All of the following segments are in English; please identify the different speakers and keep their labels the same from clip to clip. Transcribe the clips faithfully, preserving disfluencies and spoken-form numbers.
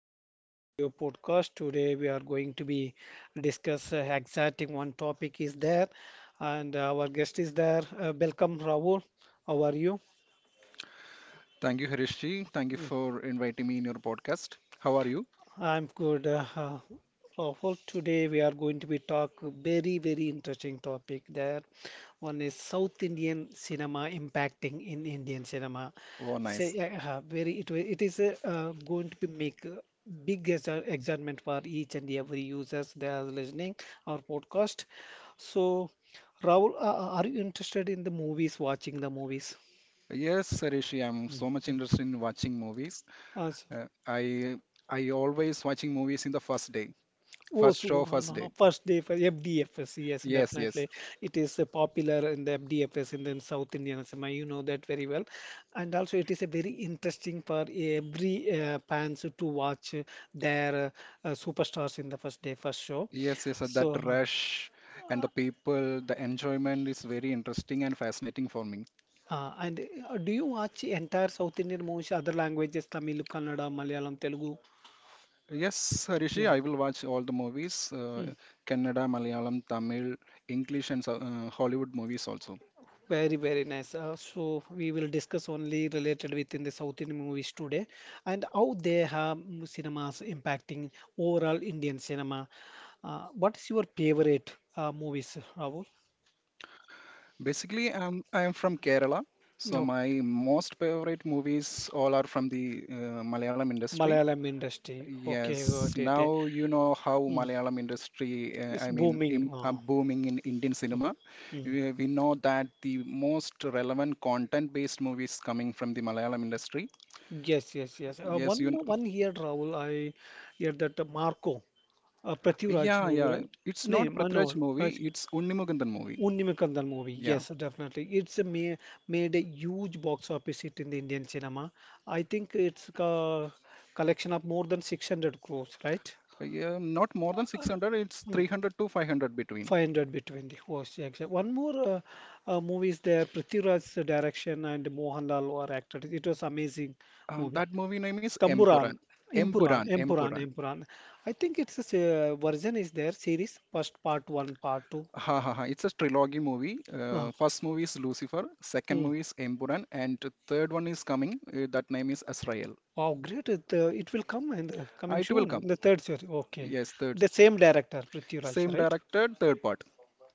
Speaker 1: to our studio podcast. Today we are going to be discuss uh, exciting one topic is there, and our guest is there. Uh, welcome Rahul. How are you?
Speaker 2: Thank you, Harishi. Thank you for inviting me in your podcast. How are you?
Speaker 1: I'm good. Uh, uh, uh, well, today we are going to be talk very, very interesting topic there. One is South Indian cinema impacting in Indian cinema.
Speaker 2: Oh, nice.
Speaker 1: Say, uh, uh, very it, wi- it is uh, uh, going to be make uh, big exci- excitement for each and every users that are listening our podcast. So, Rahul, uh, uh, are you interested in the movies? Watching the movies?
Speaker 2: Yes, Harishi, I'm so much interested in watching movies.
Speaker 1: Mm.
Speaker 2: Uh, I I always watching movies in the first day,
Speaker 1: Oh,
Speaker 2: first
Speaker 1: so
Speaker 2: show, first
Speaker 1: uh,
Speaker 2: day.
Speaker 1: first day for F D F S, yes,
Speaker 2: Yes, yes,
Speaker 1: definitely. It is uh, popular in the F D F S in the South Indian cinema. You know that very well. And also, it is a very interesting for every uh, fans to watch uh, their uh, uh, superstars in the first day, first show.
Speaker 2: yes, yes. uh, That
Speaker 1: So, uh,
Speaker 2: rush and the people, the enjoyment is very interesting and fascinating for me.
Speaker 1: uh, and uh, Do you watch entire South Indian movies, other languages, Tamil, Kannada, Malayalam, Telugu?
Speaker 2: Yes, Harishi,
Speaker 1: Yeah.
Speaker 2: I will watch all the movies,
Speaker 1: Yeah.
Speaker 2: uh, Kannada, Malayalam, Tamil, English, and so- uh, Hollywood movies also.
Speaker 1: Very, very nice. Uh, so we will discuss only related within the South Indian movies today and how they have mm, cinemas impacting overall Indian cinema. Uh, what is your favorite uh, movies, Rahul?
Speaker 2: Basically, I'm I'm from Kerala, so my
Speaker 1: Okay.
Speaker 2: most favorite movies all are from the uh, Malayalam industry.
Speaker 1: Malayalam industry. Okay,
Speaker 2: Yes,
Speaker 1: got it. Eh.
Speaker 2: now you know how
Speaker 1: Mm,
Speaker 2: Malayalam industry, uh,
Speaker 1: it's
Speaker 2: I mean,
Speaker 1: booming.
Speaker 2: im are
Speaker 1: Uh,
Speaker 2: booming in Indian cinema.
Speaker 1: mm.
Speaker 2: We, we know that the most relevant content-based movies coming from the Malayalam industry.
Speaker 1: Yes, yes, yes. Uh,
Speaker 2: Yes, you.
Speaker 1: one
Speaker 2: kn-
Speaker 1: more, one here, Rahul. I hear that uh, Marco, uh, Prithviraj
Speaker 2: Yeah,
Speaker 1: movie,
Speaker 2: yeah.
Speaker 1: right?
Speaker 2: It's
Speaker 1: No,
Speaker 2: not Prithviraj
Speaker 1: Manohar.
Speaker 2: movie. It's Unnimugandan movie.
Speaker 1: Unnimakandal movie,
Speaker 2: Yeah.
Speaker 1: yes, definitely. It's a ma Made a huge box office hit in the Indian cinema. I think it's a collection of more than six hundred crores, right?
Speaker 2: Uh, Yeah, not more than six hundred. It's
Speaker 1: Hmm,
Speaker 2: three hundred to five hundred between.
Speaker 1: five hundred between the hosts, yeah, exact. One more uh, uh, movie is there, Prithviraj's direction and Mohanlal were acted. It was amazing
Speaker 2: Uh,
Speaker 1: movie.
Speaker 2: that movie name is M.
Speaker 1: Tamburan,
Speaker 2: Puran. M.
Speaker 1: Impuran,
Speaker 2: Puran. M.
Speaker 1: Empuran,
Speaker 2: Puran.
Speaker 1: Empuran. I think it's a se- version is there, series, first part one, part two.
Speaker 2: Ha ha ha. It's a trilogy movie.
Speaker 1: Uh,
Speaker 2: Uh, first movie is Lucifer, second movie is M. Puran, and third one is coming. Uh, that name is Azrael.
Speaker 1: Wow, great. It, uh, it will come in the
Speaker 2: Uh,
Speaker 1: coming
Speaker 2: It will
Speaker 1: soon,
Speaker 2: come.
Speaker 1: in the third series. Okay.
Speaker 2: Yes, third.
Speaker 1: The same director, Prithviraj,
Speaker 2: Same
Speaker 1: right?
Speaker 2: director, third part.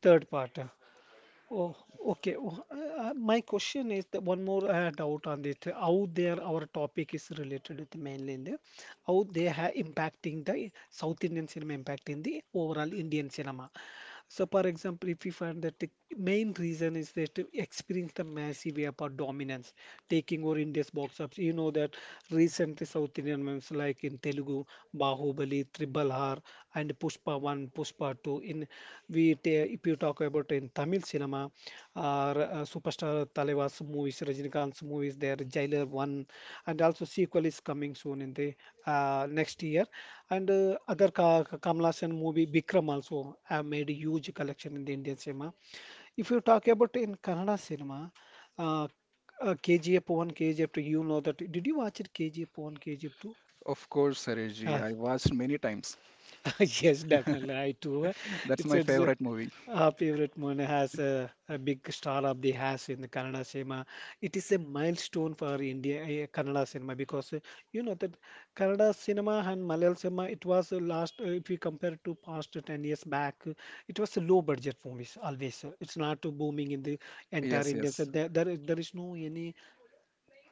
Speaker 1: Third part. Oh, okay. Oh, uh, uh, my question is that one more uh, doubt on this. How there our topic is related with mainland, uh, how they are impacting the South Indian cinema impacting the overall Indian cinema. So, for example, if we find that the main reason is that to experience the massive airport dominance taking over India's box office. You know that recently South Indian films like in Telugu, Bahubali, Triple R, and Pushpa one, Pushpa two. In we ta- if you you talk about in Tamil cinema, uh, r- uh, superstar Talevas movies, Rajinikanth's movies, there Jailer one, and also sequel is coming soon in the uh, next year, and uh, other Ka Kamala Sen movie Bikram also have made huge collection in the Indian cinema. If you talk about in Kannada cinema, uh, uh, K G F one, K G F two, you know that. Did you watch it K G F one, K G F two?
Speaker 2: Of course, Seriji. I watched many times.
Speaker 1: Yes, definitely. I too. Uh,
Speaker 2: That's
Speaker 1: It's
Speaker 2: my
Speaker 1: a it's a-
Speaker 2: favorite movie.
Speaker 1: our favorite one has a, a big star of the has in the Kannada cinema. It is a milestone for India uh, Kannada cinema because uh, you know that Kannada cinema and Malayalam cinema it was uh, last uh, if we compare to past ten years back uh, it was a low budget movies always. uh, It's not uh, booming in the entire
Speaker 2: Yes,
Speaker 1: Indian. So
Speaker 2: yes.
Speaker 1: there, there is there is no any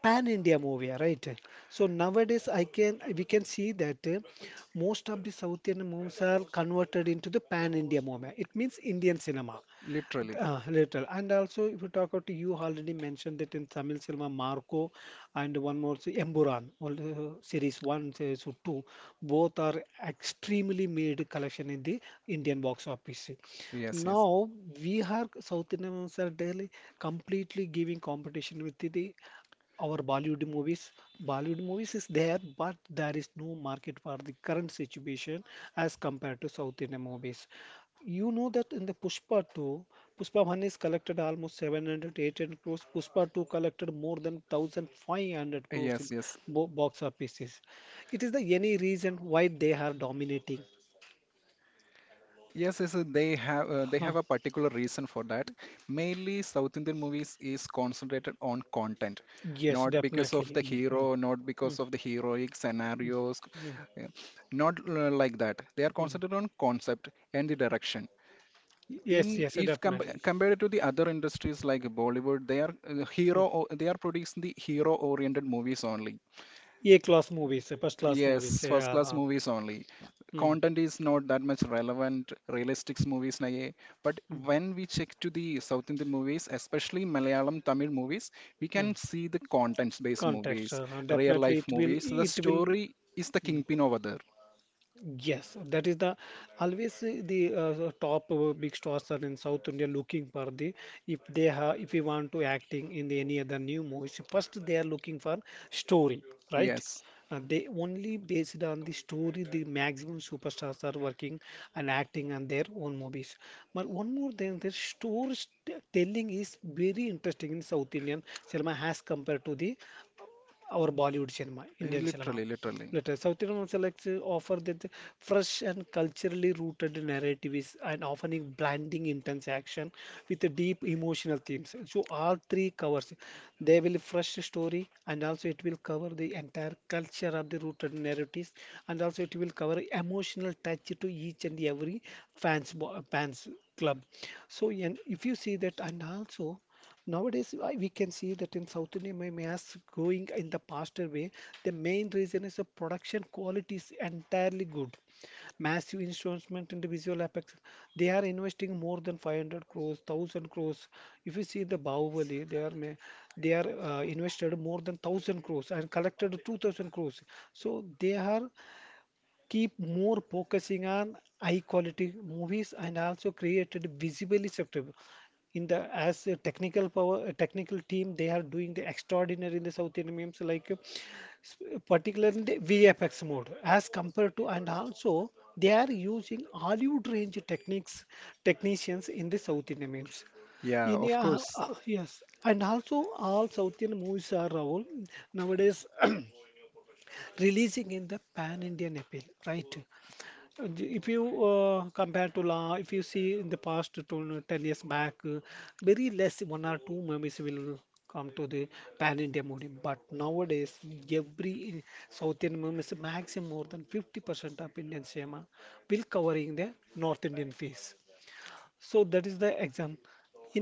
Speaker 1: pan India movie, ah, right? So nowadays I can we can see that uh, most of the South Indian movies are converted into the pan India movie. It means Indian cinema.
Speaker 2: Literally.
Speaker 1: Uh, little. And also, if you talk about, you already mentioned that in Tamil cinema, Marco and one more, say, Emburan, all the series one, series two, both are extremely made collection in the Indian box office.
Speaker 2: Yes, yes.
Speaker 1: Now, we are, South Indians are daily completely giving competition with the our Bollywood movies. Bollywood movies is there, but there is no market for the current situation as compared to South Indian movies. You know that in the Pushpa two, Pushpa one is collected almost seven hundred eight hundred crores. Pushpa two collected more than one thousand five hundred crores in
Speaker 2: Yes, yes.
Speaker 1: bo box offices. It is the any reason why they are dominating.
Speaker 2: Yes, yes, uh, they have uh, they
Speaker 1: Huh.
Speaker 2: have a particular reason for that. Mainly, South Indian movies is concentrated on content,
Speaker 1: Yes,
Speaker 2: not because of
Speaker 1: definitely.
Speaker 2: the
Speaker 1: Mm, mm,
Speaker 2: hero, not
Speaker 1: mm,
Speaker 2: because of the heroic scenarios,
Speaker 1: mm,
Speaker 2: yeah, not uh, like that. They are
Speaker 1: mm.
Speaker 2: concentrated on concept and the direction.
Speaker 1: Yes,
Speaker 2: In
Speaker 1: yes,
Speaker 2: if com
Speaker 1: definitely.
Speaker 2: Compared to the other industries like Bollywood, they are uh,
Speaker 1: Mm.
Speaker 2: hero or they are producing the hero-oriented movies only.
Speaker 1: A-class movies, uh, first class movies.
Speaker 2: Yes, first
Speaker 1: Yeah.
Speaker 2: class
Speaker 1: Uh,
Speaker 2: movies only.
Speaker 1: mm,
Speaker 2: Content is not that much relevant, realistic movies naye. But
Speaker 1: mm,
Speaker 2: when we check to the South Indian movies, especially Malayalam, Tamil movies, we
Speaker 1: mm.
Speaker 2: can see the contents-based
Speaker 1: Context.
Speaker 2: movies,
Speaker 1: Uh,
Speaker 2: real
Speaker 1: definitely,
Speaker 2: life
Speaker 1: it will.
Speaker 2: movies. The
Speaker 1: It will.
Speaker 2: story is the
Speaker 1: Mm.
Speaker 2: kingpin over there.
Speaker 1: Yes, that is the always uh, the uh, top uh, big stars are in South India looking for the if they have if we want to acting in the, any other new movies first they are looking for story right,
Speaker 2: Yes,
Speaker 1: uh, they only based on the story the maximum superstars are working and acting on their own movies but one more thing the story telling is very interesting in South Indian cinema as compared to the our Bollywood cinema,
Speaker 2: eh,
Speaker 1: Indian cinema.
Speaker 2: literally, literally.
Speaker 1: Later, South Indian selects uh, offer that fresh and culturally rooted narratives and often in blending intense action with the deep emotional themes. So all three covers. They will fresh story and also it will cover the entire culture of the rooted narratives and also it will cover emotional touch to each and every fans bo- fans club. So and if you see that and also nowadays, I, we can see that in South India, my mass going in the faster way. The main reason is the production quality is entirely good. Massive investment in the visual effects. They are investing more than five hundred crores, one thousand crores. If you see the Bahubali, they are ma- they are uh, invested more than one thousand crores and collected two thousand crores. So they are keep more focusing on high quality movies and also created visibly acceptable in the as a technical power a technical team they are doing the extraordinary in the south indian memes like uh, s- particularly the vfx mode as compared to and also they are using hollywood range techniques technicians in the south indian memes
Speaker 2: Yeah,
Speaker 1: in
Speaker 2: of
Speaker 1: yeah,
Speaker 2: course.
Speaker 1: uh, yes and also all south indian movies are Rahul, nowadays releasing in the pan indian appeal right d- if you uh, compare to la, if you see in the past to ten years back, uh, very less one or two movies will come to the pan-India movie. But nowadays, every South Indian movies, maximum more than fifty percent of Indian cinema will covering the North Indian face. So that is the exam.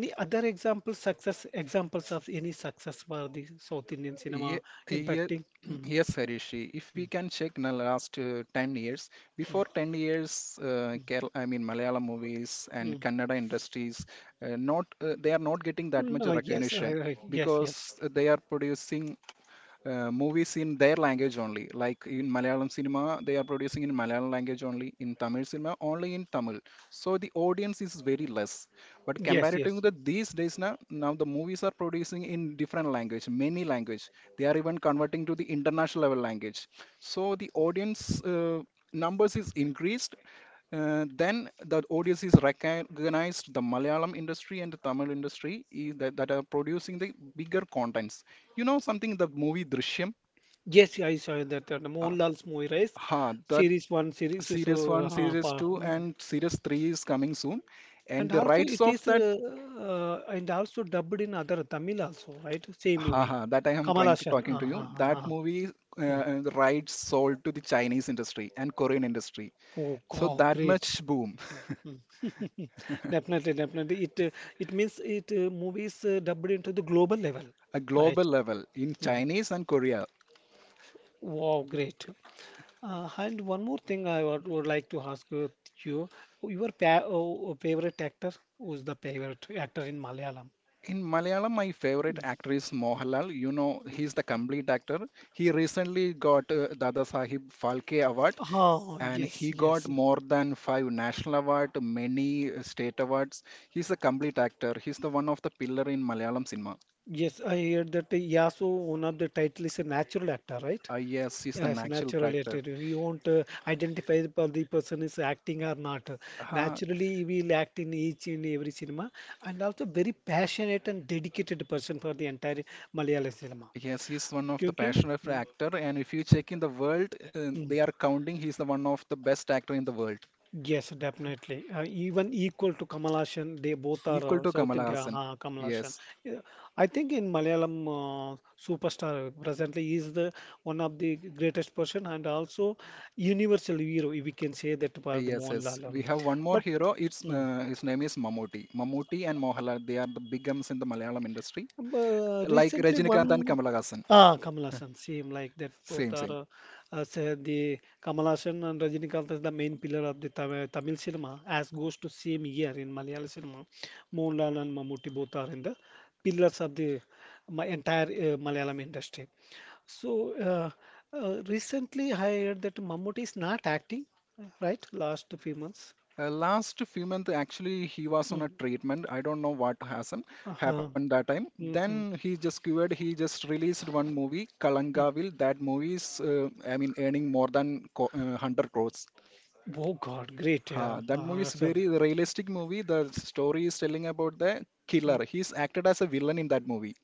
Speaker 1: Any other example, success examples of any success for the South Indian cinema
Speaker 2: Ye- ye-
Speaker 1: impacting? Mm,
Speaker 2: Yes, Harishi. If we
Speaker 1: mm,
Speaker 2: can check in the last uh, ten years, before ten years, uh, Kerala, I mean Malayalam movies and
Speaker 1: mm.
Speaker 2: Kannada industries, uh, not uh, they are not getting that much
Speaker 1: No, yes, I,
Speaker 2: recognition
Speaker 1: I, yes, yes,
Speaker 2: because they are producing uh, movies in their language only. Like in Malayalam cinema, they are producing in Malayalam language only, in Tamil cinema, only in Tamil. So the audience is very less. But
Speaker 1: yes,
Speaker 2: comparatively,
Speaker 1: yes.
Speaker 2: to these days now, now the movies are producing in different language, many language. They are even converting to the international level language. So the audience uh, numbers is increased. Uh, then the audience is recognized the Malayalam industry and the Tamil industry is that, that are producing the bigger contents. You know something, the movie Drishyam,
Speaker 1: Yes, I saw that, that
Speaker 2: uh,
Speaker 1: Mohanlal's movie, right?
Speaker 2: huh, the
Speaker 1: Series one, series
Speaker 2: series
Speaker 1: so,
Speaker 2: one,
Speaker 1: uh,
Speaker 2: series
Speaker 1: pa-
Speaker 2: two,
Speaker 1: No.
Speaker 2: and series three is coming soon. And
Speaker 1: And
Speaker 2: the
Speaker 1: also
Speaker 2: rights
Speaker 1: it
Speaker 2: of
Speaker 1: is
Speaker 2: that,
Speaker 1: uh, uh, and also dubbed in other Tamil also, right? Same movie,
Speaker 2: haha, that I am
Speaker 1: Kamal
Speaker 2: trying to
Speaker 1: Haasan.
Speaker 2: talking to
Speaker 1: Uh,
Speaker 2: you,
Speaker 1: uh,
Speaker 2: that
Speaker 1: uh, uh.
Speaker 2: movie
Speaker 1: Mm.
Speaker 2: uh, the rights sold to the Chinese industry and Korean industry.
Speaker 1: Oh
Speaker 2: So
Speaker 1: God,
Speaker 2: that
Speaker 1: great.
Speaker 2: much boom,
Speaker 1: Mm. Definitely, definitely. It uh, it means it uh, movies uh, dubbed into the global level,
Speaker 2: a global
Speaker 1: right?
Speaker 2: level in
Speaker 1: Mm.
Speaker 2: Chinese and Korea.
Speaker 1: Wow, great. Uh, and one more thing I would, would like to ask uh, you, your pa uh, favorite actor, who's the favorite actor in Malayalam?
Speaker 2: In Malayalam, my favorite actor is Mohanlal. You know, he's the complete actor. He recently got uh, Dada Sahib Phalke Award
Speaker 1: Ah,
Speaker 2: and
Speaker 1: yes,
Speaker 2: he got
Speaker 1: yes.
Speaker 2: more than five national award, many uh, state awards. He's a complete actor. He's the one of the pillar in Malayalam cinema.
Speaker 1: Yes, I heard that uh, Yasu, one of the title is a natural actor, right?
Speaker 2: Uh, yes, he's the
Speaker 1: Yes,
Speaker 2: natural
Speaker 1: natural
Speaker 2: actor.
Speaker 1: actor. We won't uh, identify the the person is acting or not.
Speaker 2: Uh,
Speaker 1: Naturally, we will act in each and every cinema, and also very passionate and dedicated person for the entire Malayalam cinema.
Speaker 2: yes, he's one of the
Speaker 1: क्योंकि
Speaker 2: passionate
Speaker 1: hmm,
Speaker 2: actor. And if you check in the world, uh,
Speaker 1: hmm,
Speaker 2: they are counting he's the one of the best actor in the world,
Speaker 1: yes, definitely. Uh, even equal to Kamal Haasan, they both are
Speaker 2: equal
Speaker 1: uh,
Speaker 2: to
Speaker 1: South
Speaker 2: Kamala
Speaker 1: India.
Speaker 2: Hassan.
Speaker 1: Uh, Kamal Haasan.
Speaker 2: Yes,
Speaker 1: Yeah, I think in Malayalam uh, superstar presently he is the one of the greatest person and also universal hero. We can say that for the
Speaker 2: yes, yes.
Speaker 1: Mohanlal.
Speaker 2: We
Speaker 1: Um,
Speaker 2: have one more
Speaker 1: But
Speaker 2: hero. It's
Speaker 1: mm.
Speaker 2: uh, His name is Mammootty. Mammootty and Mohala. They are the big guns in the Malayalam industry,
Speaker 1: Uh,
Speaker 2: like
Speaker 1: recently, one
Speaker 2: Rajinikanth and Kamala Hassan.
Speaker 1: ah Kamal Haasan same like that. Both
Speaker 2: Same,
Speaker 1: are
Speaker 2: same.
Speaker 1: uh, uh, say the Kamal Haasan and Rajinikanth is the main pillar of the Tamil, Tamil cinema, as goes to same year in Malayalam cinema. Mohanlal and Mammootty both are in the pillars of the uh, my entire uh, Malayalam industry. So uh, uh, recently, I heard that Mammootty is not acting, right? Last few months.
Speaker 2: Uh, last few months, actually, he was on a
Speaker 1: Mhm.
Speaker 2: treatment. I don't know what has him-
Speaker 1: Uh-huh.
Speaker 2: happened that time.
Speaker 1: Mm-hmm.
Speaker 2: Then he just cured. He just released one movie,
Speaker 1: Hmm.
Speaker 2: Kalangavel. That movie is, uh, I mean, earning more than co- uh, one hundred crores.
Speaker 1: Oh God, great.
Speaker 2: Uh,
Speaker 1: Yeah.
Speaker 2: that
Speaker 1: Uh-huh.
Speaker 2: movie is
Speaker 1: Arshad.
Speaker 2: very realistic movie. The story is telling about the killer. He's acted as a villain in that movie.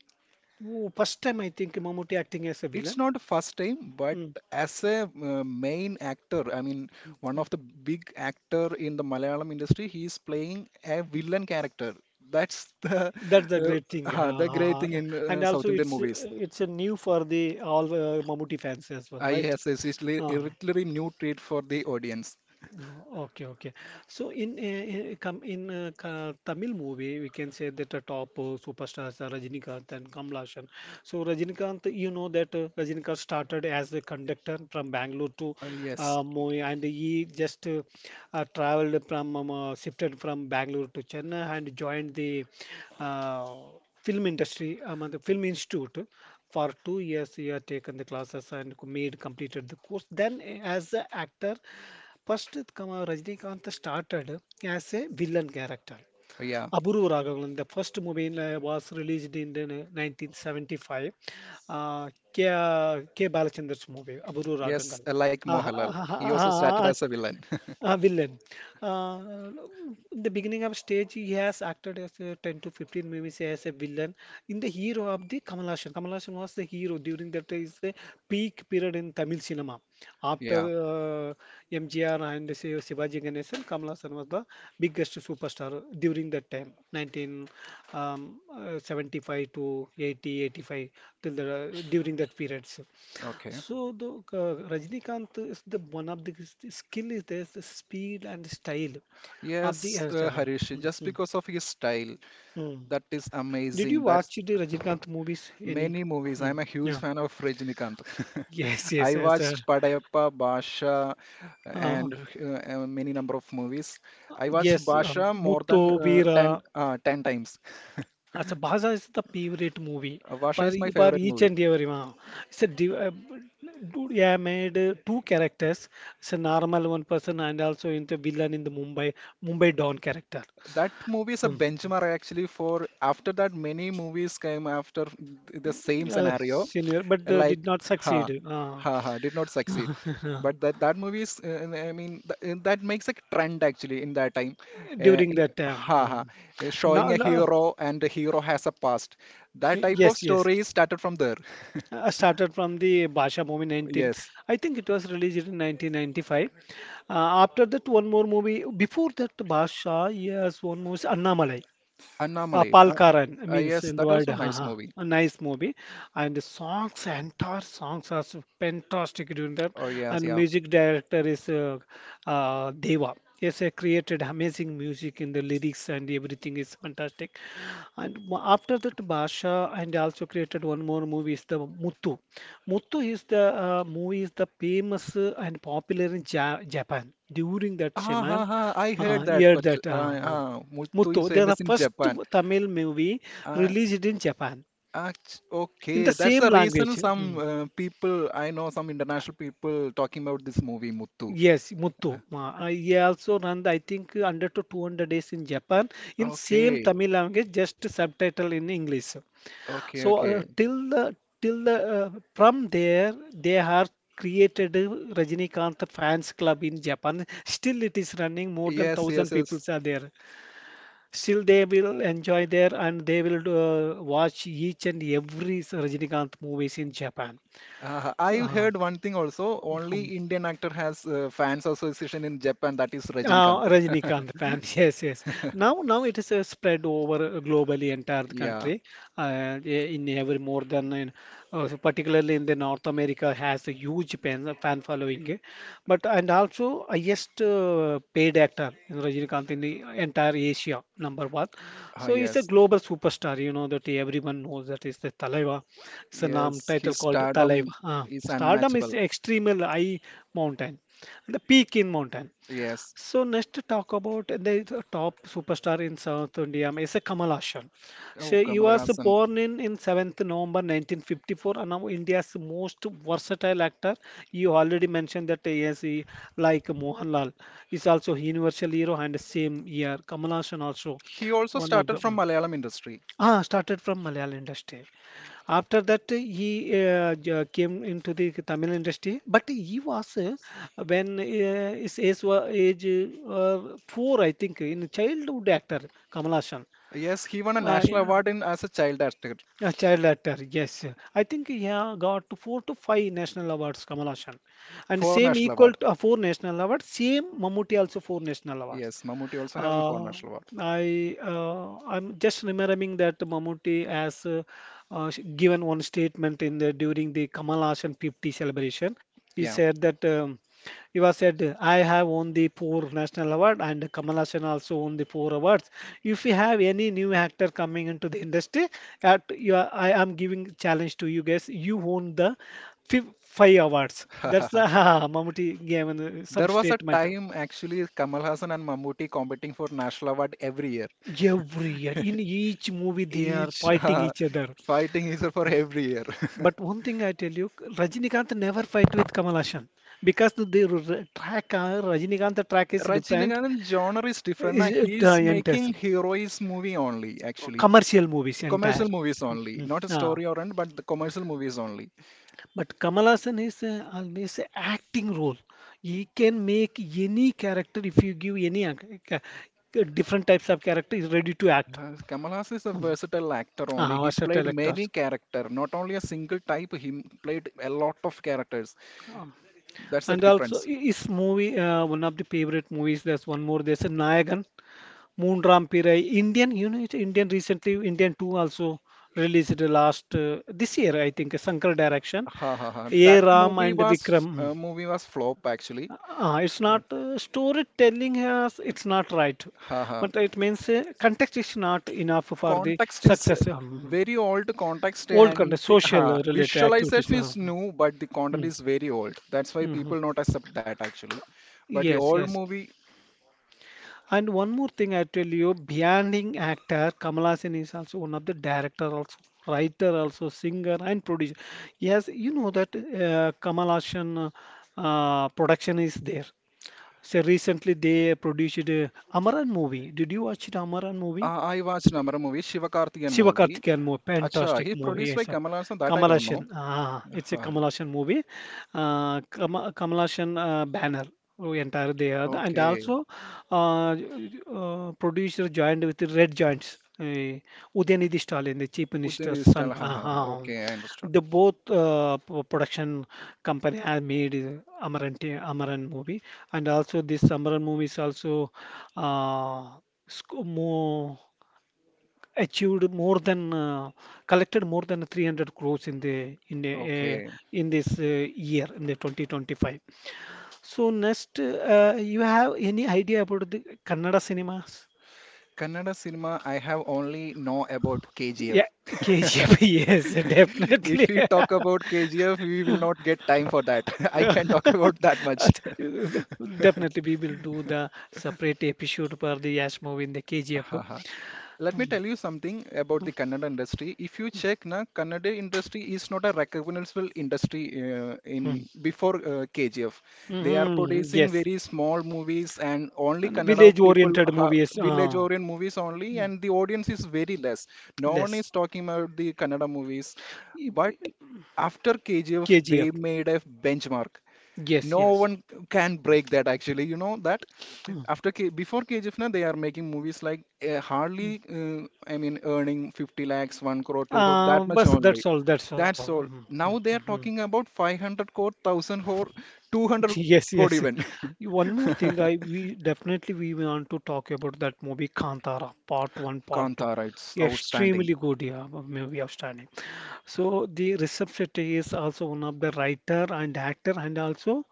Speaker 1: Oh, first time I think Mammootty acting as a
Speaker 2: It's
Speaker 1: villain.
Speaker 2: not the first time, but
Speaker 1: Mm.
Speaker 2: as a uh, main actor, I mean,
Speaker 1: Mm,
Speaker 2: one
Speaker 1: mm.
Speaker 2: of the big actor in the Malayalam industry, he is playing a villain character. That's the
Speaker 1: That's the
Speaker 2: uh,
Speaker 1: great thing.
Speaker 2: uh,
Speaker 1: Ha,
Speaker 2: the
Speaker 1: ha,
Speaker 2: great
Speaker 1: ha.
Speaker 2: thing in
Speaker 1: And
Speaker 2: uh,
Speaker 1: also
Speaker 2: South Indian
Speaker 1: it's
Speaker 2: movies.
Speaker 1: it's a new for the all uh, Mammootty fans as well,
Speaker 2: I
Speaker 1: right?
Speaker 2: Yes, it's it's li-
Speaker 1: Uh,
Speaker 2: a literally new treat for the audience.
Speaker 1: oh, okay, okay. So in uh, come in uh, ka- Tamil movie, we can say that the top uh, superstars are Rajinikanth and Kamal Haasan. So Rajinikanth, you know that uh, Rajinikanth started as a conductor from Bangalore to
Speaker 2: Uh, yes,
Speaker 1: uh, Mumbai, and he just uh, uh, traveled from um, uh, shifted from Bangalore to Chennai and joined the uh, film industry, um, the film institute. For two years, he had taken the classes and co- made completed the course. Then, eh, as an actor. First, it come, uh, Rajinikanth started as a villain character.
Speaker 2: yeah,
Speaker 1: Aburu Raghavan, the first movie in, uh, was released in the ni- nineteen seventy-five. Uh, K. K. Balachandra's movie, Aburu Raghavan.
Speaker 2: yes, uh, like Mohalal, he also started as a villain.
Speaker 1: Uh, villain. Uh, the beginning of stage, he has acted as a ten to fifteen movies as a villain. In the hero of the Kamal Haasan. Kamal Haasan was the hero during that is the peak period in Tamil cinema. After
Speaker 2: Yeah,
Speaker 1: uh, M G R and Shiv- Shivaji Ganesan, Kamal Haasan was the biggest superstar during that time, nineteen seventy-five to eighty, eighty-five till the, during that periods.
Speaker 2: okay.
Speaker 1: So the uh, Rajinikanth is the one of the s- skill is there the speed and style of the
Speaker 2: Yes,
Speaker 1: uh,
Speaker 2: uh,
Speaker 1: so, yeah.
Speaker 2: Harish, just
Speaker 1: Mhm.
Speaker 2: because of his style,
Speaker 1: Mm.
Speaker 2: that is
Speaker 1: Did you
Speaker 2: amazing. That's
Speaker 1: watch the Rajnikant movies any?
Speaker 2: many movies. I'm
Speaker 1: Mm.
Speaker 2: a huge
Speaker 1: Yeah.
Speaker 2: fan of Rajinikanth.
Speaker 1: Yes, yes,
Speaker 2: I
Speaker 1: yes, sir.
Speaker 2: watched Padayappa, Basha,
Speaker 1: Uh,
Speaker 2: and uh, uh, many number of movies. I watched
Speaker 1: yes, um,
Speaker 2: Basha more than
Speaker 1: Muttu,
Speaker 2: uh, 10,
Speaker 1: Veera.
Speaker 2: uh, ten times.
Speaker 1: Acha Bhaza is the favorite movie
Speaker 2: Uh, Basha
Speaker 1: for,
Speaker 2: is my
Speaker 1: e- for
Speaker 2: favorite
Speaker 1: each
Speaker 2: movie.
Speaker 1: and every one. It's a div uh, dude, yeah, made uh, two characters. It's a normal one person and also in the villain in the Mumbai Mumbai Don character.
Speaker 2: That movie is a
Speaker 1: Mm.
Speaker 2: benchmark actually for after that many movies came after the same
Speaker 1: uh,
Speaker 2: scenario.
Speaker 1: senior, but uh, did
Speaker 2: Like,
Speaker 1: not
Speaker 2: ha
Speaker 1: succeed uh,
Speaker 2: ha ha, did not succeed, but that that movie is uh, uh, I mean th that makes a trend actually in that time, uh,
Speaker 1: during
Speaker 2: he-
Speaker 1: that time.
Speaker 2: ha ha
Speaker 1: Mm.
Speaker 2: uh,
Speaker 1: No,
Speaker 2: showing a
Speaker 1: no,
Speaker 2: hero and the hero has a past, that type of
Speaker 1: yes, yes.
Speaker 2: story started from there.
Speaker 1: I started from the Basha movie nineteen.
Speaker 2: Yes,
Speaker 1: I think it was released in nineteen ninety-five. Uh, after that, one more movie. Before that, Basha, yes, one movie, Annamalai. Uh,
Speaker 2: anomaly, uh,
Speaker 1: Palkaran
Speaker 2: uh,
Speaker 1: means
Speaker 2: yes
Speaker 1: in the
Speaker 2: that
Speaker 1: word,
Speaker 2: also nice
Speaker 1: haha,
Speaker 2: movie.
Speaker 1: a nice movie. And the songs, entire songs are so fantastic during that.
Speaker 2: Oh yes,
Speaker 1: And
Speaker 2: yeah.
Speaker 1: music director is uh, uh, Deva. Yes, he created amazing music in the lyrics and everything is fantastic. And mo- after that, Basha and also created one more movie is the Muthu. Muthu is the uh, movie is the famous uh, and popular in ja Japan during that
Speaker 2: Ah ha
Speaker 1: shaman
Speaker 2: ha, I heard
Speaker 1: uh,
Speaker 2: that
Speaker 1: year
Speaker 2: but
Speaker 1: that
Speaker 2: uh,
Speaker 1: uh,
Speaker 2: uh, Muthu is
Speaker 1: Muthu, they're the
Speaker 2: famous in
Speaker 1: first
Speaker 2: Japan.
Speaker 1: Tamil movie
Speaker 2: Uh,
Speaker 1: released in Japan
Speaker 2: Act-
Speaker 1: in the
Speaker 2: okay, that's
Speaker 1: same
Speaker 2: the
Speaker 1: language.
Speaker 2: reason
Speaker 1: Hmm.
Speaker 2: some uh, people, I know some international people talking about this movie, Muthu.
Speaker 1: Yes, Muthu. Uh, he also run, I think, under to two hundred days in Japan in same
Speaker 2: Okay,
Speaker 1: Tamil language, just subtitle in English.
Speaker 2: okay,
Speaker 1: So uh,
Speaker 2: okay.
Speaker 1: till the till the uh, from there they have created a Rajinikanth fans club in Japan. Still, it is running. More than
Speaker 2: Yes, yes,
Speaker 1: thousand people
Speaker 2: yes.
Speaker 1: are there. Still, they will enjoy there and they will uh, watch each and every Rajinikanth movies in Japan.
Speaker 2: Uh, I've
Speaker 1: Uh,
Speaker 2: heard one thing also, only Indian actor has uh, fans association in Japan, that is
Speaker 1: Uh,
Speaker 2: Rajinikanth.
Speaker 1: Rajinikanth fans, yes, yes. Now, now it is uh, spread over uh, globally entire the
Speaker 2: Yeah,
Speaker 1: country. Uh, i- in every more than in, uh, so particularly in the North America has a huge fan, uh, fan following. But and also highest uh, paid actor in Rajinikanth in the entire Asia, number one.
Speaker 2: ah,
Speaker 1: So he's a
Speaker 2: yes,
Speaker 1: global superstar. You know that everyone knows that is the Talaiva. It's a name
Speaker 2: yes,
Speaker 1: title
Speaker 2: his
Speaker 1: called
Speaker 2: stardom
Speaker 1: Talaiva. Uh,
Speaker 2: is
Speaker 1: stardom is
Speaker 2: unmatchable.
Speaker 1: extreme high mountain, the peak in mountain.
Speaker 2: Yes.
Speaker 1: So next to talk about the top superstar in South India is a Kamal Haasan.
Speaker 2: Oh,
Speaker 1: So he
Speaker 2: Kamal
Speaker 1: was
Speaker 2: Haasan.
Speaker 1: born in, in November seventh nineteen fifty-four and now India's most versatile actor. You already mentioned that he is he- like Mohanlal is also universal hero and same year. Kamal Haasan also
Speaker 2: He also
Speaker 1: one of the
Speaker 2: started from
Speaker 1: mm,
Speaker 2: Malayalam industry.
Speaker 1: ah started from Malayalam industry. After that, he uh, j- uh, came into the Tamil industry, but he was uh, when uh, his age was age uh, four, I think, in childhood actor Kamal Hassan.
Speaker 2: Yes, he won a
Speaker 1: Uh,
Speaker 2: national
Speaker 1: yeah,
Speaker 2: award in as a child actor,
Speaker 1: a child actor, yes. I think he ha- got four to five national awards, Kamal Hassan, and
Speaker 2: four
Speaker 1: same
Speaker 2: national award.
Speaker 1: equal to uh, four national awards. Same Mammootty also four national awards.
Speaker 2: Yes, Mammootty also having four
Speaker 1: Uh,
Speaker 2: national award.
Speaker 1: I uh, I'm just remembering that Mammootty has uh, uh, sh- given one statement in the during the Kamal Haasan fifty celebration. He
Speaker 2: Yeah.
Speaker 1: said that um, he was said, "I have won the four national award and Kamal Haasan also won the four awards. If you have any new actor coming into the industry, at you are, I am giving challenge to you guys. You won the fif- five awards." That's the Mammootty gave an, uh,
Speaker 2: There
Speaker 1: some
Speaker 2: was a
Speaker 1: statement.
Speaker 2: time actually Kamal Hassan and Mammootty competing for national award every year.
Speaker 1: Every year, in each movie, they are
Speaker 2: Each
Speaker 1: fighting
Speaker 2: uh,
Speaker 1: each other.
Speaker 2: fighting is for every year.
Speaker 1: But one thing I tell you, Rajinikanth never fight with Kamal Haasan because the their r- track, uh, Rajinikanth track is different.
Speaker 2: Rajinikanth genre is different.
Speaker 1: Is
Speaker 2: Na, he
Speaker 1: it, uh,
Speaker 2: is
Speaker 1: enters
Speaker 2: making heroes movie only actually.
Speaker 1: commercial movies entire.
Speaker 2: Commercial movies only.
Speaker 1: Hmm.
Speaker 2: Not a
Speaker 1: Ah,
Speaker 2: story oriented but the commercial movies only.
Speaker 1: but Kamal Haasan is uh, always a acting role. He can make any character if you give any ac- ca- different types of character. He's ready to act.
Speaker 2: Uh, Kamal Hassan is a
Speaker 1: Hmm.
Speaker 2: versatile actor only.
Speaker 1: Ah,
Speaker 2: He played
Speaker 1: versatile
Speaker 2: many
Speaker 1: actors.
Speaker 2: character, not only a single type. He played a lot of characters.
Speaker 1: Ah.
Speaker 2: That's the
Speaker 1: And also,
Speaker 2: difference.
Speaker 1: i- is movie uh, one of the favorite movies? There's one more. There's a Nayagan, Moonram Pirai, Indian. You know, it's Indian recently. Indian two also released the last uh, this year, I think. Shankar direction,
Speaker 2: Ha ha ha.
Speaker 1: A
Speaker 2: That
Speaker 1: Ram
Speaker 2: movie
Speaker 1: and
Speaker 2: was
Speaker 1: Vikram.
Speaker 2: uh, movie was flop actually.
Speaker 1: Mm. Uh, it's not uh, storytelling has. It's not right,
Speaker 2: Ha ha.
Speaker 1: but it means uh, context is not enough for the
Speaker 2: Context is uh,
Speaker 1: success. Um,
Speaker 2: very old context
Speaker 1: old
Speaker 2: and
Speaker 1: context,
Speaker 2: the
Speaker 1: social
Speaker 2: ha,
Speaker 1: uh, related activities.
Speaker 2: visualization is
Speaker 1: Um,
Speaker 2: new, but the content
Speaker 1: mm,
Speaker 2: is very old. That's why
Speaker 1: mhm.
Speaker 2: people not accept that actually. But the
Speaker 1: Yes,
Speaker 2: old
Speaker 1: yes.
Speaker 2: movie,
Speaker 1: And one more thing I tell you, beyond actor, Kamal Haasan is also one of the director, also writer, also singer and producer. Yes, you know that uh, Kamal Haasan uh, production is there. So recently they produced uh, Amaran movie. Did you watch it, Amaran movie?
Speaker 2: uh, I watched another movie, Sivakarthikeyan movie.
Speaker 1: Sivakarthikeyan movie,
Speaker 2: Acha,
Speaker 1: fantastic
Speaker 2: he
Speaker 1: movie.
Speaker 2: produced by
Speaker 1: Yes, uh,
Speaker 2: Kamal Hassan. That I
Speaker 1: Kamal
Speaker 2: don't
Speaker 1: Haasan.
Speaker 2: know.
Speaker 1: Ah, it's a
Speaker 2: Ha,
Speaker 1: Kamal Haasan movie. Uh, Kama, Kamal Haasan uh, banner oh, entire they there, and
Speaker 2: okay.
Speaker 1: also uh, uh, producer joined with the Red Giants. Uh, Udyanidhi Stalin, the chief
Speaker 2: Ujjaini
Speaker 1: minister's
Speaker 2: Digital.
Speaker 1: son.
Speaker 2: Ha ha. Ha.
Speaker 1: Uh,
Speaker 2: Okay, I understand.
Speaker 1: the both uh, p- production company have made uh, Amaran t- Amaran movie, and also this Amaran movie is also uh, sc- more achieved more than uh, collected more than three hundred crores in the in the uh,
Speaker 2: Okay.
Speaker 1: in this uh, year in the twenty twenty-five. So next, uh, you have any idea about the Kannada cinemas?
Speaker 2: Kannada cinema, I have only know about
Speaker 1: Yeah,
Speaker 2: K G F.
Speaker 1: KGF, yes,
Speaker 2: If
Speaker 1: definitely.
Speaker 2: we talk about K G F, we will not get time for that. I can talk about that much.
Speaker 1: Definitely we will do the separate episode for the Yash movie in the KGF.
Speaker 2: Let
Speaker 1: Hmm.
Speaker 2: me tell you something about the Kannada industry. If you check, na, Kannada industry is not a recognizable industry uh,
Speaker 1: Hmm.
Speaker 2: in before uh, K G F. They are
Speaker 1: Mhm.
Speaker 2: producing
Speaker 1: Yes,
Speaker 2: very small movies and only
Speaker 1: and
Speaker 2: Kannada
Speaker 1: village
Speaker 2: people,
Speaker 1: oriented
Speaker 2: ha,
Speaker 1: movies,
Speaker 2: village
Speaker 1: uh,
Speaker 2: orient movies only,
Speaker 1: mm,
Speaker 2: and the audience is very less. No one
Speaker 1: less.
Speaker 2: is talking about the Kannada movies, but after K G F,
Speaker 1: KGF.
Speaker 2: they made a benchmark.
Speaker 1: Yes,
Speaker 2: No
Speaker 1: yes.
Speaker 2: one can break that actually. You know that
Speaker 1: Hmm.
Speaker 2: after K before K G F na they are making movies like uh, hardly uh, I mean earning fifty lakhs, one crore, two crore
Speaker 1: Uh,
Speaker 2: that much
Speaker 1: but
Speaker 2: only.
Speaker 1: that's all. That's all.
Speaker 2: That's
Speaker 1: Hmm,
Speaker 2: all.
Speaker 1: hmm, hmm,
Speaker 2: Now they
Speaker 1: hmm.
Speaker 2: are talking about five hundred crore, thousand crore, two hundred crore
Speaker 1: Yes,
Speaker 2: even.
Speaker 1: yes. One more thing, I we definitely we want to talk about that movie Kantara, part one, part two.
Speaker 2: Kantara, it's outstanding.
Speaker 1: Extremely good, yeah, movie outstanding. So the reception is also one of the writer and actor, and also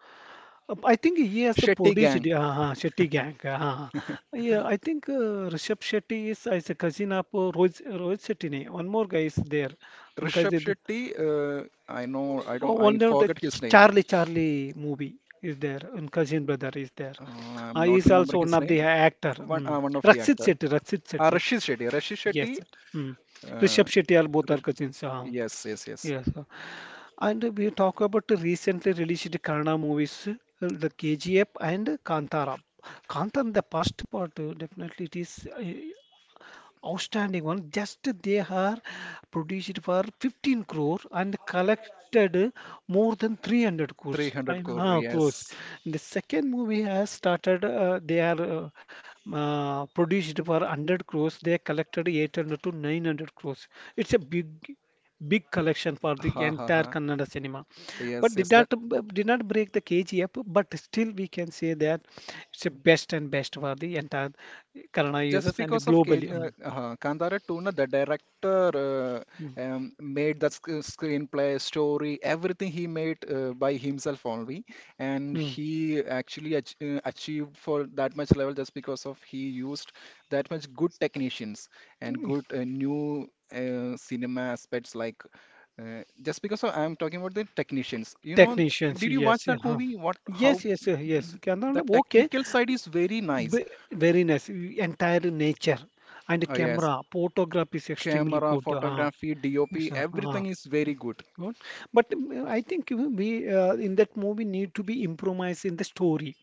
Speaker 1: uh, I think he has a
Speaker 2: Shetty
Speaker 1: produced
Speaker 2: gang.
Speaker 1: uh, uh, Shetty gang. Uh, uh, uh. Yeah, I think uh, Rishabh Shetty is, is a cousin of uh, Rohit Rohit Shetty. Ne. One more guy is there. One guy is
Speaker 2: Rishabh
Speaker 1: there.
Speaker 2: Shetty, uh, I know, I
Speaker 1: Oh,
Speaker 2: don't,
Speaker 1: one
Speaker 2: I
Speaker 1: note, uh,
Speaker 2: forget
Speaker 1: Ch-
Speaker 2: his name.
Speaker 1: Charlie Charlie movie is there, and Cousin Brother is there.
Speaker 2: Uh, I'm
Speaker 1: Uh,
Speaker 2: not
Speaker 1: he's
Speaker 2: remembering
Speaker 1: also one
Speaker 2: his
Speaker 1: of
Speaker 2: name.
Speaker 1: the actor.
Speaker 2: One, uh,
Speaker 1: Mm.
Speaker 2: one of the
Speaker 1: Rakshit
Speaker 2: actor.
Speaker 1: Shetty, Rakshit
Speaker 2: Ah,
Speaker 1: Shetty.
Speaker 2: Rashid Shetty. Rashid
Speaker 1: Yes,
Speaker 2: Shetty
Speaker 1: sir. Mm.
Speaker 2: Uh,
Speaker 1: Rishabh Shetty are both are
Speaker 2: Rish-
Speaker 1: cousins. Uh,
Speaker 2: yes, yes, yes.
Speaker 1: yes, sir. And we talk about the recently released Kannada movies, uh, the K G F and Kantara. Kantara, the first part, uh, definitely it is, uh, outstanding one. Just they are produced for fifteen crore and collected more than three hundred crores. I
Speaker 2: three hundred
Speaker 1: know,
Speaker 2: crore,
Speaker 1: uh, crores.
Speaker 2: yes.
Speaker 1: The second movie has started. Uh, they are uh, uh, produced for one hundred crores. They collected eight hundred to nine hundred crores. It's a big big collection for the
Speaker 2: Ha ha
Speaker 1: entire
Speaker 2: ha.
Speaker 1: Kannada cinema, but
Speaker 2: Yes,
Speaker 1: did
Speaker 2: yes.
Speaker 1: not
Speaker 2: That
Speaker 1: did not break the K G F. But still, we can say that it's the best and best for the entire Kannada
Speaker 2: just
Speaker 1: users and
Speaker 2: because of K,
Speaker 1: globally.
Speaker 2: uh,
Speaker 1: Um,
Speaker 2: uh, Kantara two, na, the director uh,
Speaker 1: Mm,
Speaker 2: um, made the sc- screenplay, story, everything he made uh, by himself only, and
Speaker 1: mm.
Speaker 2: he actually ach uh, achieved for that much level just because of he used that much good technicians and good uh, new uh, cinema aspects like uh, just because of, I'm talking about the technicians. You know,
Speaker 1: Technicians,
Speaker 2: did you watch
Speaker 1: yes, yeah,
Speaker 2: that
Speaker 1: huh.
Speaker 2: movie? What, how
Speaker 1: Yes, yes, uh, yes. Camera,
Speaker 2: the
Speaker 1: lab, okay.
Speaker 2: technical side is very nice.
Speaker 1: B very nice. Y- Entire nature and
Speaker 2: Oh yes,
Speaker 1: camera photograph is extremely
Speaker 2: camera,
Speaker 1: good. Uh,
Speaker 2: photography,
Speaker 1: yes,
Speaker 2: D O P,
Speaker 1: uh, uh,
Speaker 2: everything is very good.
Speaker 1: good. But mm, I think we we, uh, in that movie need to be improvised in the story.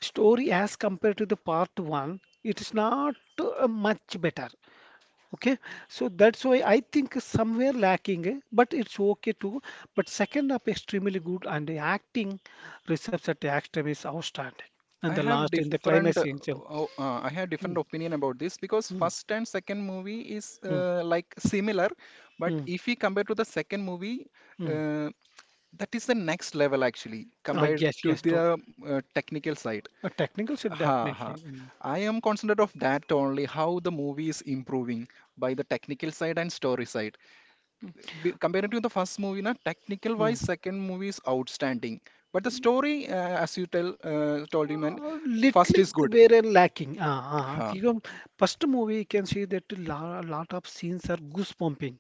Speaker 1: Story as compared to the part one, it is not uh, much better. Okay, so that's why I think somewhere lacking, eh, but it's okay too. But second up extremely good and the acting reserves at the extreme is outstanding.
Speaker 2: I
Speaker 1: And the
Speaker 2: have
Speaker 1: last in the
Speaker 2: different,
Speaker 1: climax
Speaker 2: uh,
Speaker 1: scenes. Yeah.
Speaker 2: o- uh, I have different
Speaker 1: Mm,
Speaker 2: opinion about this because
Speaker 1: mm,
Speaker 2: first and second movie is
Speaker 1: mm,
Speaker 2: uh, like similar, but
Speaker 1: mm,
Speaker 2: if we compare to the second movie,
Speaker 1: mm.
Speaker 2: uh, that is the next level actually
Speaker 1: Ah,
Speaker 2: compared
Speaker 1: yes,
Speaker 2: to
Speaker 1: yes, too.
Speaker 2: the uh, technical side.
Speaker 1: A technical should
Speaker 2: Ha
Speaker 1: definitely.
Speaker 2: ha.
Speaker 1: Mm,
Speaker 2: I am concerned of that only how the movie is improving by the technical side and story side. B- comparing to the first movie na, technical
Speaker 1: mm.
Speaker 2: wise second movie is outstanding, but the story, uh, as you tell uh, told you man,
Speaker 1: Uh,
Speaker 2: first
Speaker 1: little
Speaker 2: is good
Speaker 1: were lacking. Ah, ah.
Speaker 2: huh.
Speaker 1: You know, first movie you can see that a lot, lot of scenes are goosebumping.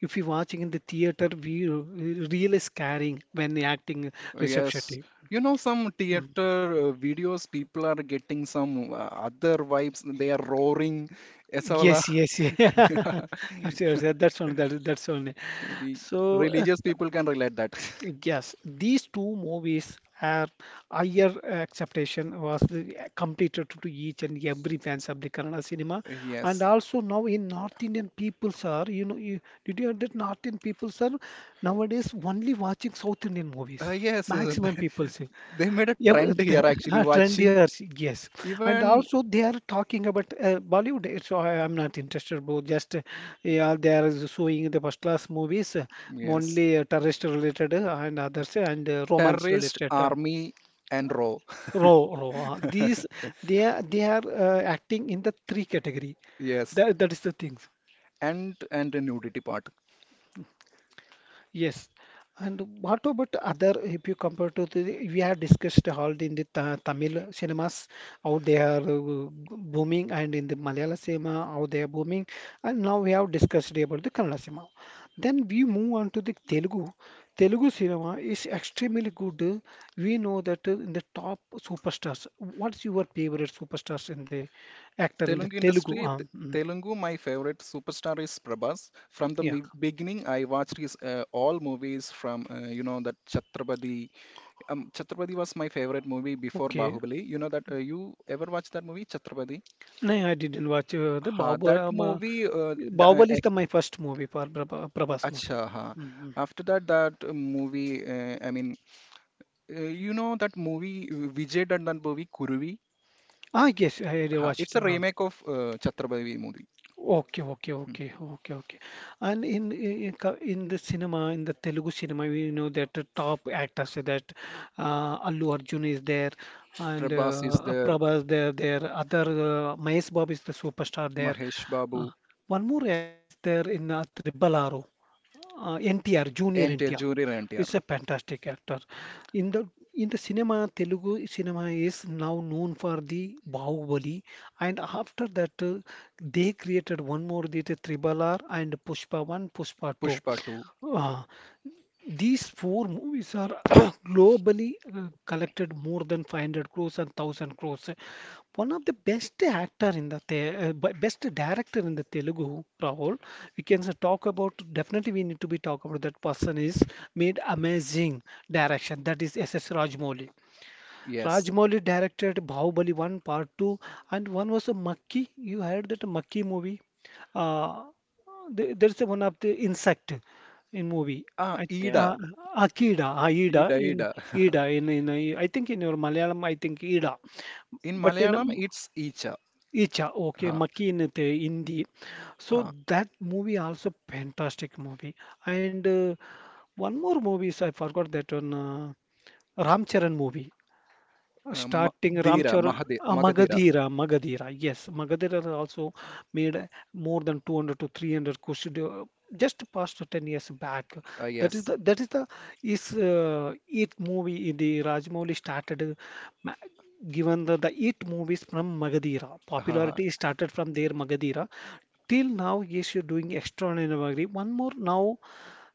Speaker 1: If you're watching in the theater, we really scaring when acting Rishabh
Speaker 2: Yes,
Speaker 1: Shetty.
Speaker 2: you know some
Speaker 1: Mm.
Speaker 2: theater uh, videos, people are getting some uh, other vibes. They are roaring ऐसा वाला.
Speaker 1: Yes, yes, yeah. Sure, sure. That's one. That, that's one.
Speaker 2: Maybe
Speaker 1: So uh,
Speaker 2: religious people can relate that.
Speaker 1: yes, these two movies are higher acceptation was the- completed to each and every fans of the Kannada cinema, and
Speaker 2: Yes.
Speaker 1: also now in North Indian peoples are you know you, did you hear that North Indian peoples are nowadays only watching South Indian movies.
Speaker 2: Uh, yes, yes,
Speaker 1: Maximum
Speaker 2: they
Speaker 1: peoples.
Speaker 2: they made a
Speaker 1: Yeah, but
Speaker 2: trend here,
Speaker 1: the,
Speaker 2: actually
Speaker 1: uh,
Speaker 2: watching.
Speaker 1: trendier, yes, and
Speaker 2: Even
Speaker 1: also they are talking about uh, Bollywood. It's I am not interested, bro. Just uh, yeah, they are showing the first class movies, uh,
Speaker 2: yes,
Speaker 1: only uh, terrorist related uh, and others, uh, and uh, romance
Speaker 2: terrorist
Speaker 1: related. Uh,
Speaker 2: army and row.
Speaker 1: raw, raw. These they are they are uh, acting in the three category.
Speaker 2: Yes,
Speaker 1: That that is the thing.
Speaker 2: and and a nudity part.
Speaker 1: Yes. And what about other, if you compare to the, we have discussed all in the ta Tamil cinemas, how they are uh, booming, and in the Malayalam cinema, how they are booming. And now we have discussed about the Kannada cinema. Then we move on to the Telugu. Telugu cinema is extremely good. We know that uh, in the top superstars. What's your favorite superstars in the actor in the
Speaker 2: Telugu
Speaker 1: Telugu?
Speaker 2: industry, Te-
Speaker 1: Um, mm,
Speaker 2: Telugu, my favorite superstar is Prabhas. From the
Speaker 1: yeah.
Speaker 2: me- beginning, I watched his uh, all movies from, uh, you know that Chhatrapati. Um, Chhatrapati was my favorite movie before
Speaker 1: Okay.
Speaker 2: Bahubali. You know that, uh, you ever watched that movie Chhatrapati?
Speaker 1: No, I didn't watch uh, the
Speaker 2: Ha,
Speaker 1: Babu
Speaker 2: that movie. Uh, da- uh,
Speaker 1: Bahubali is the my first movie for Prabha,
Speaker 2: uh,
Speaker 1: Prabhas movie.
Speaker 2: acha, ha.
Speaker 1: Hmm.
Speaker 2: After that, that uh, movie. Uh, I mean, uh, you know that movie, uh, Vijay done that movie Kuruvi.
Speaker 1: Ah yes, I already
Speaker 2: Ha, it's
Speaker 1: watched it.
Speaker 2: a
Speaker 1: Um,
Speaker 2: remake of uh, Chhatrapati movie.
Speaker 1: okay, okay, okay, okay, okay. And in, in co- in the cinema, in the Telugu cinema, we know that the top actors are that uh, Allu Arjun is there, and
Speaker 2: Prabhas is
Speaker 1: uh,
Speaker 2: there.
Speaker 1: Prabhas there, there. Other uh, Mahesh Babu is the superstar there.
Speaker 2: Mahesh
Speaker 1: Uh,
Speaker 2: Babu,
Speaker 1: One more actor is there in uh, Triple R, uh, N T R, Junior
Speaker 2: N T R
Speaker 1: N T R
Speaker 2: Junior
Speaker 1: is
Speaker 2: N T R,
Speaker 1: a fantastic actor. In the in the cinema, Telugu cinema is now known for the Bahubali, and after that, uh, they created one more, the Tribal R and Pushpa One, Pushpa Two.
Speaker 2: Pushpa two,
Speaker 1: Uh, these four movies are globally uh, collected more than five hundred crores and one thousand crores. One of the best actor in the Te- uh, b- best director in the Telugu, Rahul. We can s- talk about, definitely we need to be talk about that person is made amazing direction. That is S S Rajamouli.
Speaker 2: yes.
Speaker 1: Rajmouli directed Bahubali one, Part two, and one was a Makki. You heard that Makki movie? Uh, there- there's one of the insect in movie.
Speaker 2: Ah,
Speaker 1: I th
Speaker 2: Ida,
Speaker 1: uh, Akida, Aida
Speaker 2: Ida,
Speaker 1: in
Speaker 2: Ida.
Speaker 1: Ida in in uh, I think in your Malayalam I think Ida,
Speaker 2: In
Speaker 1: but in,
Speaker 2: Malayalam,
Speaker 1: um,
Speaker 2: it's Icha.
Speaker 1: Icha, okay,
Speaker 2: Ha,
Speaker 1: Makki in the Hindi. So
Speaker 2: ha.
Speaker 1: that movie also fantastic movie, and uh, one more movie is I forgot that one, uh, Ram Charan movie,
Speaker 2: Uh, Ma-
Speaker 1: starting
Speaker 2: Dira,
Speaker 1: Ramcharan,
Speaker 2: Mahade,
Speaker 1: uh,
Speaker 2: Magadira.
Speaker 1: Magadira, Magadira. Yes, Magadira has also made uh, more than two hundred to three hundred question uh, just past ten years back.
Speaker 2: Ah,
Speaker 1: That is
Speaker 2: yes.
Speaker 1: the that is the is uh, it movie in the Rajamouli started uh, ma- given the, the it movies from Magadira.
Speaker 2: Ha, ha.
Speaker 1: Popularity started from their Magadira. Till now, yes, you're doing extraordinary. One more now,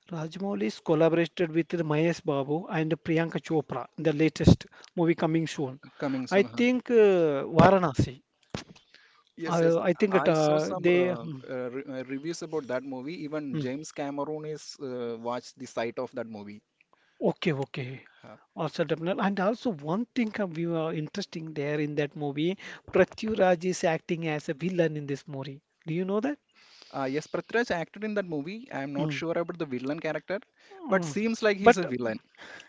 Speaker 1: Rajmoulis collaborated with Mahesh Babu and Priyanka Chopra in the latest movie coming soon.
Speaker 2: Coming
Speaker 1: I
Speaker 2: soon, huh?
Speaker 1: think uh, Varanasi.
Speaker 2: Yes, yes.
Speaker 1: Uh, I think it,
Speaker 2: I saw
Speaker 1: uh,
Speaker 2: some
Speaker 1: they.
Speaker 2: uh,
Speaker 1: Hmm,
Speaker 2: uh, re uh, reviews about that movie. Even
Speaker 1: hmm.
Speaker 2: James Cameron is, uh, watched the sight of that movie.
Speaker 1: Okay, okay.
Speaker 2: Huh.
Speaker 1: Also, definitely. And also, one thing uh, we were interesting there in that movie, Prithviraj is acting as a villain in this movie. Do you know that?
Speaker 2: Uh, yes, Prithviraj acted in that movie. I am not
Speaker 1: Mm.
Speaker 2: sure about the villain character, but
Speaker 1: Mm.
Speaker 2: seems like he's
Speaker 1: But
Speaker 2: a villain.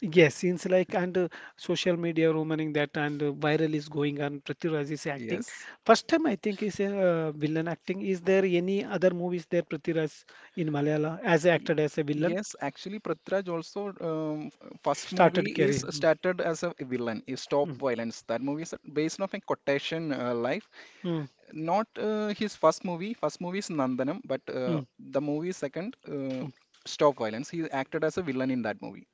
Speaker 1: yes, since like and uh, social media rumoring that, and uh, viral is going on, Prithviraj is acting.
Speaker 2: Yes.
Speaker 1: First time I think is a uh, villain acting. Is there any other movies there Prithviraj in Malayalam as
Speaker 2: Y-
Speaker 1: acted as a villain?
Speaker 2: Yes, actually, Prithviraj also, um, f- first movie
Speaker 1: Started
Speaker 2: is
Speaker 1: career.
Speaker 2: started as a villain, is Stop
Speaker 1: Hmm.
Speaker 2: Violence. That movie is based off a quotation, uh, life.
Speaker 1: Hmm.
Speaker 2: Not, uh, his first movie. First movie is Nandanam, but,
Speaker 1: Hmm.
Speaker 2: uh,
Speaker 1: Mm.
Speaker 2: the movie second, uh, Stop Violence. He acted as a villain in that movie.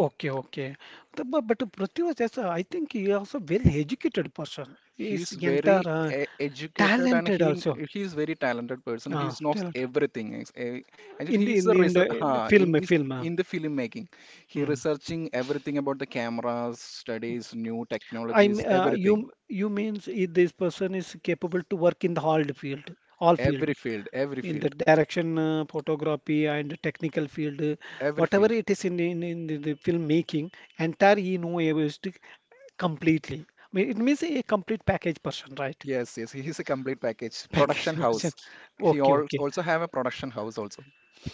Speaker 1: Okay, okay. The- But, but Prithviraj, as a- I think he also very educated person. He
Speaker 2: He's
Speaker 1: is entire
Speaker 2: very
Speaker 1: uh,
Speaker 2: e- educated and
Speaker 1: talented
Speaker 2: he
Speaker 1: also.
Speaker 2: he's very talented person. He
Speaker 1: Ah,
Speaker 2: knows
Speaker 1: talent
Speaker 2: everything. Ex- eh, Actually,
Speaker 1: in
Speaker 2: he is a
Speaker 1: in in
Speaker 2: research,
Speaker 1: the in the
Speaker 2: huh, in
Speaker 1: film
Speaker 2: this,
Speaker 1: film. uh,
Speaker 2: in the film making. He
Speaker 1: Mm.
Speaker 2: researching everything about the cameras, studies, new
Speaker 1: I m-
Speaker 2: technologies,
Speaker 1: uh,
Speaker 2: everything.
Speaker 1: you you means if this person is capable to work in the all the field, all field
Speaker 2: Every field, every
Speaker 1: in the
Speaker 2: field,
Speaker 1: direction, uh, photography and technical field, uh,
Speaker 2: every
Speaker 1: whatever
Speaker 2: field.
Speaker 1: it is in in, in the, the filmmaking, entire he know is completely. I mean, it means a complete package person, right?
Speaker 2: Yes, yes. He is a complete package.
Speaker 1: Package
Speaker 2: Production
Speaker 1: person.
Speaker 2: house. He
Speaker 1: Okay,
Speaker 2: al
Speaker 1: okay.
Speaker 2: also have a production house also.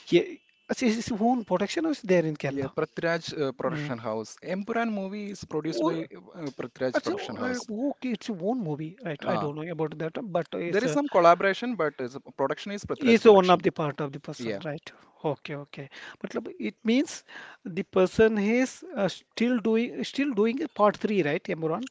Speaker 1: Yeah. Achha, his own production is there in
Speaker 2: Yeah,
Speaker 1: Kerala.
Speaker 2: Prithviraj, uh,
Speaker 1: Mm.
Speaker 2: Production House. Empuran movie is produced
Speaker 1: Oh,
Speaker 2: by, uh, Prithviraj
Speaker 1: achha,
Speaker 2: Production House.
Speaker 1: uh, okay, it's a own movie, right? I
Speaker 2: Ha,
Speaker 1: don't know about that, but
Speaker 2: there
Speaker 1: it's
Speaker 2: is
Speaker 1: a
Speaker 2: some collaboration, but is, production is Prithviraj
Speaker 1: is one of
Speaker 2: production.
Speaker 1: the part of the person,
Speaker 2: Yeah,
Speaker 1: right? Okay, okay. Matlab, it means the person is uh, still doing still doing a part three, right, Imran?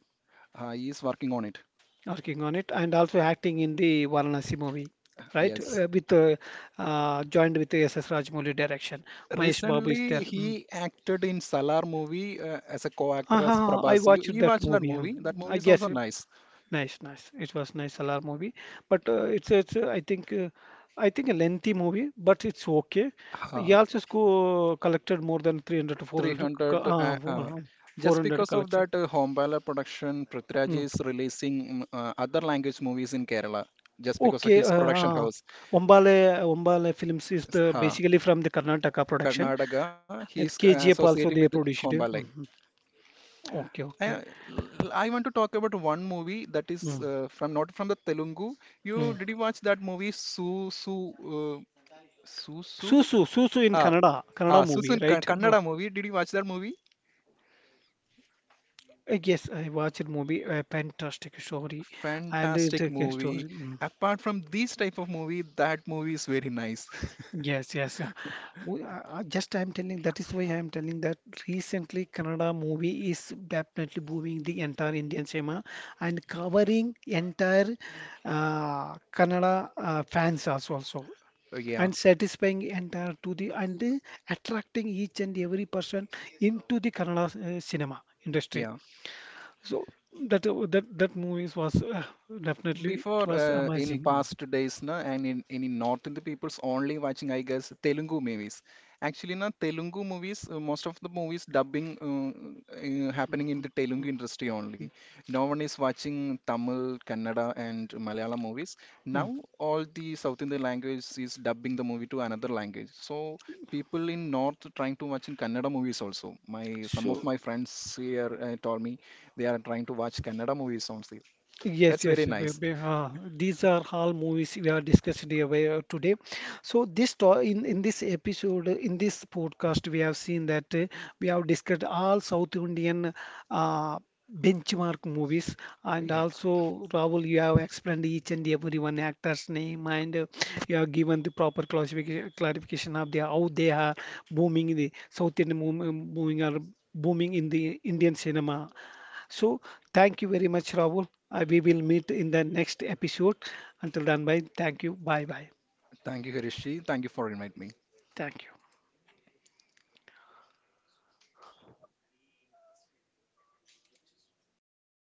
Speaker 2: uh, he is working on it.
Speaker 1: Working on it, and also acting in the Varanasi movie, right?
Speaker 2: Yes.
Speaker 1: Uh, with uh, uh, Joined with the S S. Rajamouli direction. Mahesh Babu is there.
Speaker 2: Recently,
Speaker 1: Mm.
Speaker 2: he acted in Salar movie, uh, as a
Speaker 1: Ah,
Speaker 2: co-actor
Speaker 1: ah,
Speaker 2: as
Speaker 1: ah, I
Speaker 2: Prabhas. You,
Speaker 1: watched
Speaker 2: you
Speaker 1: that
Speaker 2: watched that
Speaker 1: movie. um,
Speaker 2: movie? That movie
Speaker 1: I
Speaker 2: is also
Speaker 1: guess.
Speaker 2: nice.
Speaker 1: Nice, nice. It was nice Salar movie, but uh, it's it's uh, I think uh, I think a lengthy movie, but it's okay. He
Speaker 2: Uh,
Speaker 1: also sco collected more than three hundred to four hundred co-
Speaker 2: three hundred.
Speaker 1: uh,
Speaker 2: Uh, uh,
Speaker 1: four-
Speaker 2: just
Speaker 1: 400
Speaker 2: because of
Speaker 1: collection.
Speaker 2: that, uh, Hombala production, Prithviraj
Speaker 1: Mm.
Speaker 2: is releasing, mm, uh, other language movies in Kerala. Just because of
Speaker 1: Okay,
Speaker 2: his
Speaker 1: uh,
Speaker 2: production
Speaker 1: uh,
Speaker 2: house.
Speaker 1: Ombale Ombale Films is
Speaker 2: Yes.
Speaker 1: the
Speaker 2: Uh,
Speaker 1: basically from the Karnataka production,
Speaker 2: Karnataka, he is, uh,
Speaker 1: and K G F
Speaker 2: associating with
Speaker 1: also they produced
Speaker 2: Hombala.
Speaker 1: it. Mhm. Okay,
Speaker 2: I uh,
Speaker 1: okay.
Speaker 2: want to talk about one movie that is,
Speaker 1: Mm,
Speaker 2: uh, from, not from the Telugu. You
Speaker 1: mm.
Speaker 2: did you watch that movie Su Su uh, Su Su?
Speaker 1: Susu Susu in
Speaker 2: Ah,
Speaker 1: Kannada Kannada
Speaker 2: ah,
Speaker 1: movie,
Speaker 2: Susun Ka-
Speaker 1: right? Uh,
Speaker 2: Kannada movie. Did you watch that movie?
Speaker 1: Uh, Yes, I watched a movie, a fantastic story, and it's
Speaker 2: Fantastic
Speaker 1: a good
Speaker 2: movie.
Speaker 1: story. Mm.
Speaker 2: Apart from these type of movie, that movie is very nice.
Speaker 1: Yes, yes, yeah. We, uh, uh, just I'm telling that is why I'm telling that recently Kannada movie is definitely booming the entire Indian cinema and covering entire uh, Kannada uh, fans also also,
Speaker 2: Uh, yeah,
Speaker 1: and satisfying entire to the and uh, attracting each and every person into the Kannada uh, cinema industry.
Speaker 2: yeah.
Speaker 1: So that uh, that that movies was uh, definitely
Speaker 2: Before,
Speaker 1: it was
Speaker 2: uh, in
Speaker 1: amazing. Mm,
Speaker 2: past days na, and in, in in North Indian people's only watching, I guess, Telugu movies. Actually na Telugu movies, uh, most of the movies dubbing uh, uh, happening in the
Speaker 1: mm,
Speaker 2: Telugu industry only. No one is watching Tamil, Kannada and Malayalam movies. Now
Speaker 1: mm.
Speaker 2: all the South Indian language is dubbing the movie to another language. So people in North trying to watch in Kannada movies also. My Some of
Speaker 1: So
Speaker 2: my friends here, uh, told me they are trying to watch Kannada movies also.
Speaker 1: yes,
Speaker 2: That's
Speaker 1: yes,
Speaker 2: very
Speaker 1: be-
Speaker 2: nice.
Speaker 1: be- uh, these are all movies we are discussed here by, uh, today. So this to in in this episode, uh, in this podcast, we have seen that uh, we have discussed all South Indian uh, benchmark movies, and
Speaker 2: Yeah.
Speaker 1: also Rahul, you have explained each and every one actor's name, and uh, you have given the proper classification clarification of the how they are booming in the South Indian mov- moving are booming in the Indian cinema, so thank you very much, Rahul. I, we will meet in the next episode. Until then, bye. Thank you. Bye bye.
Speaker 2: Thank you, Harishi. Thank you for inviting me.
Speaker 1: Thank you.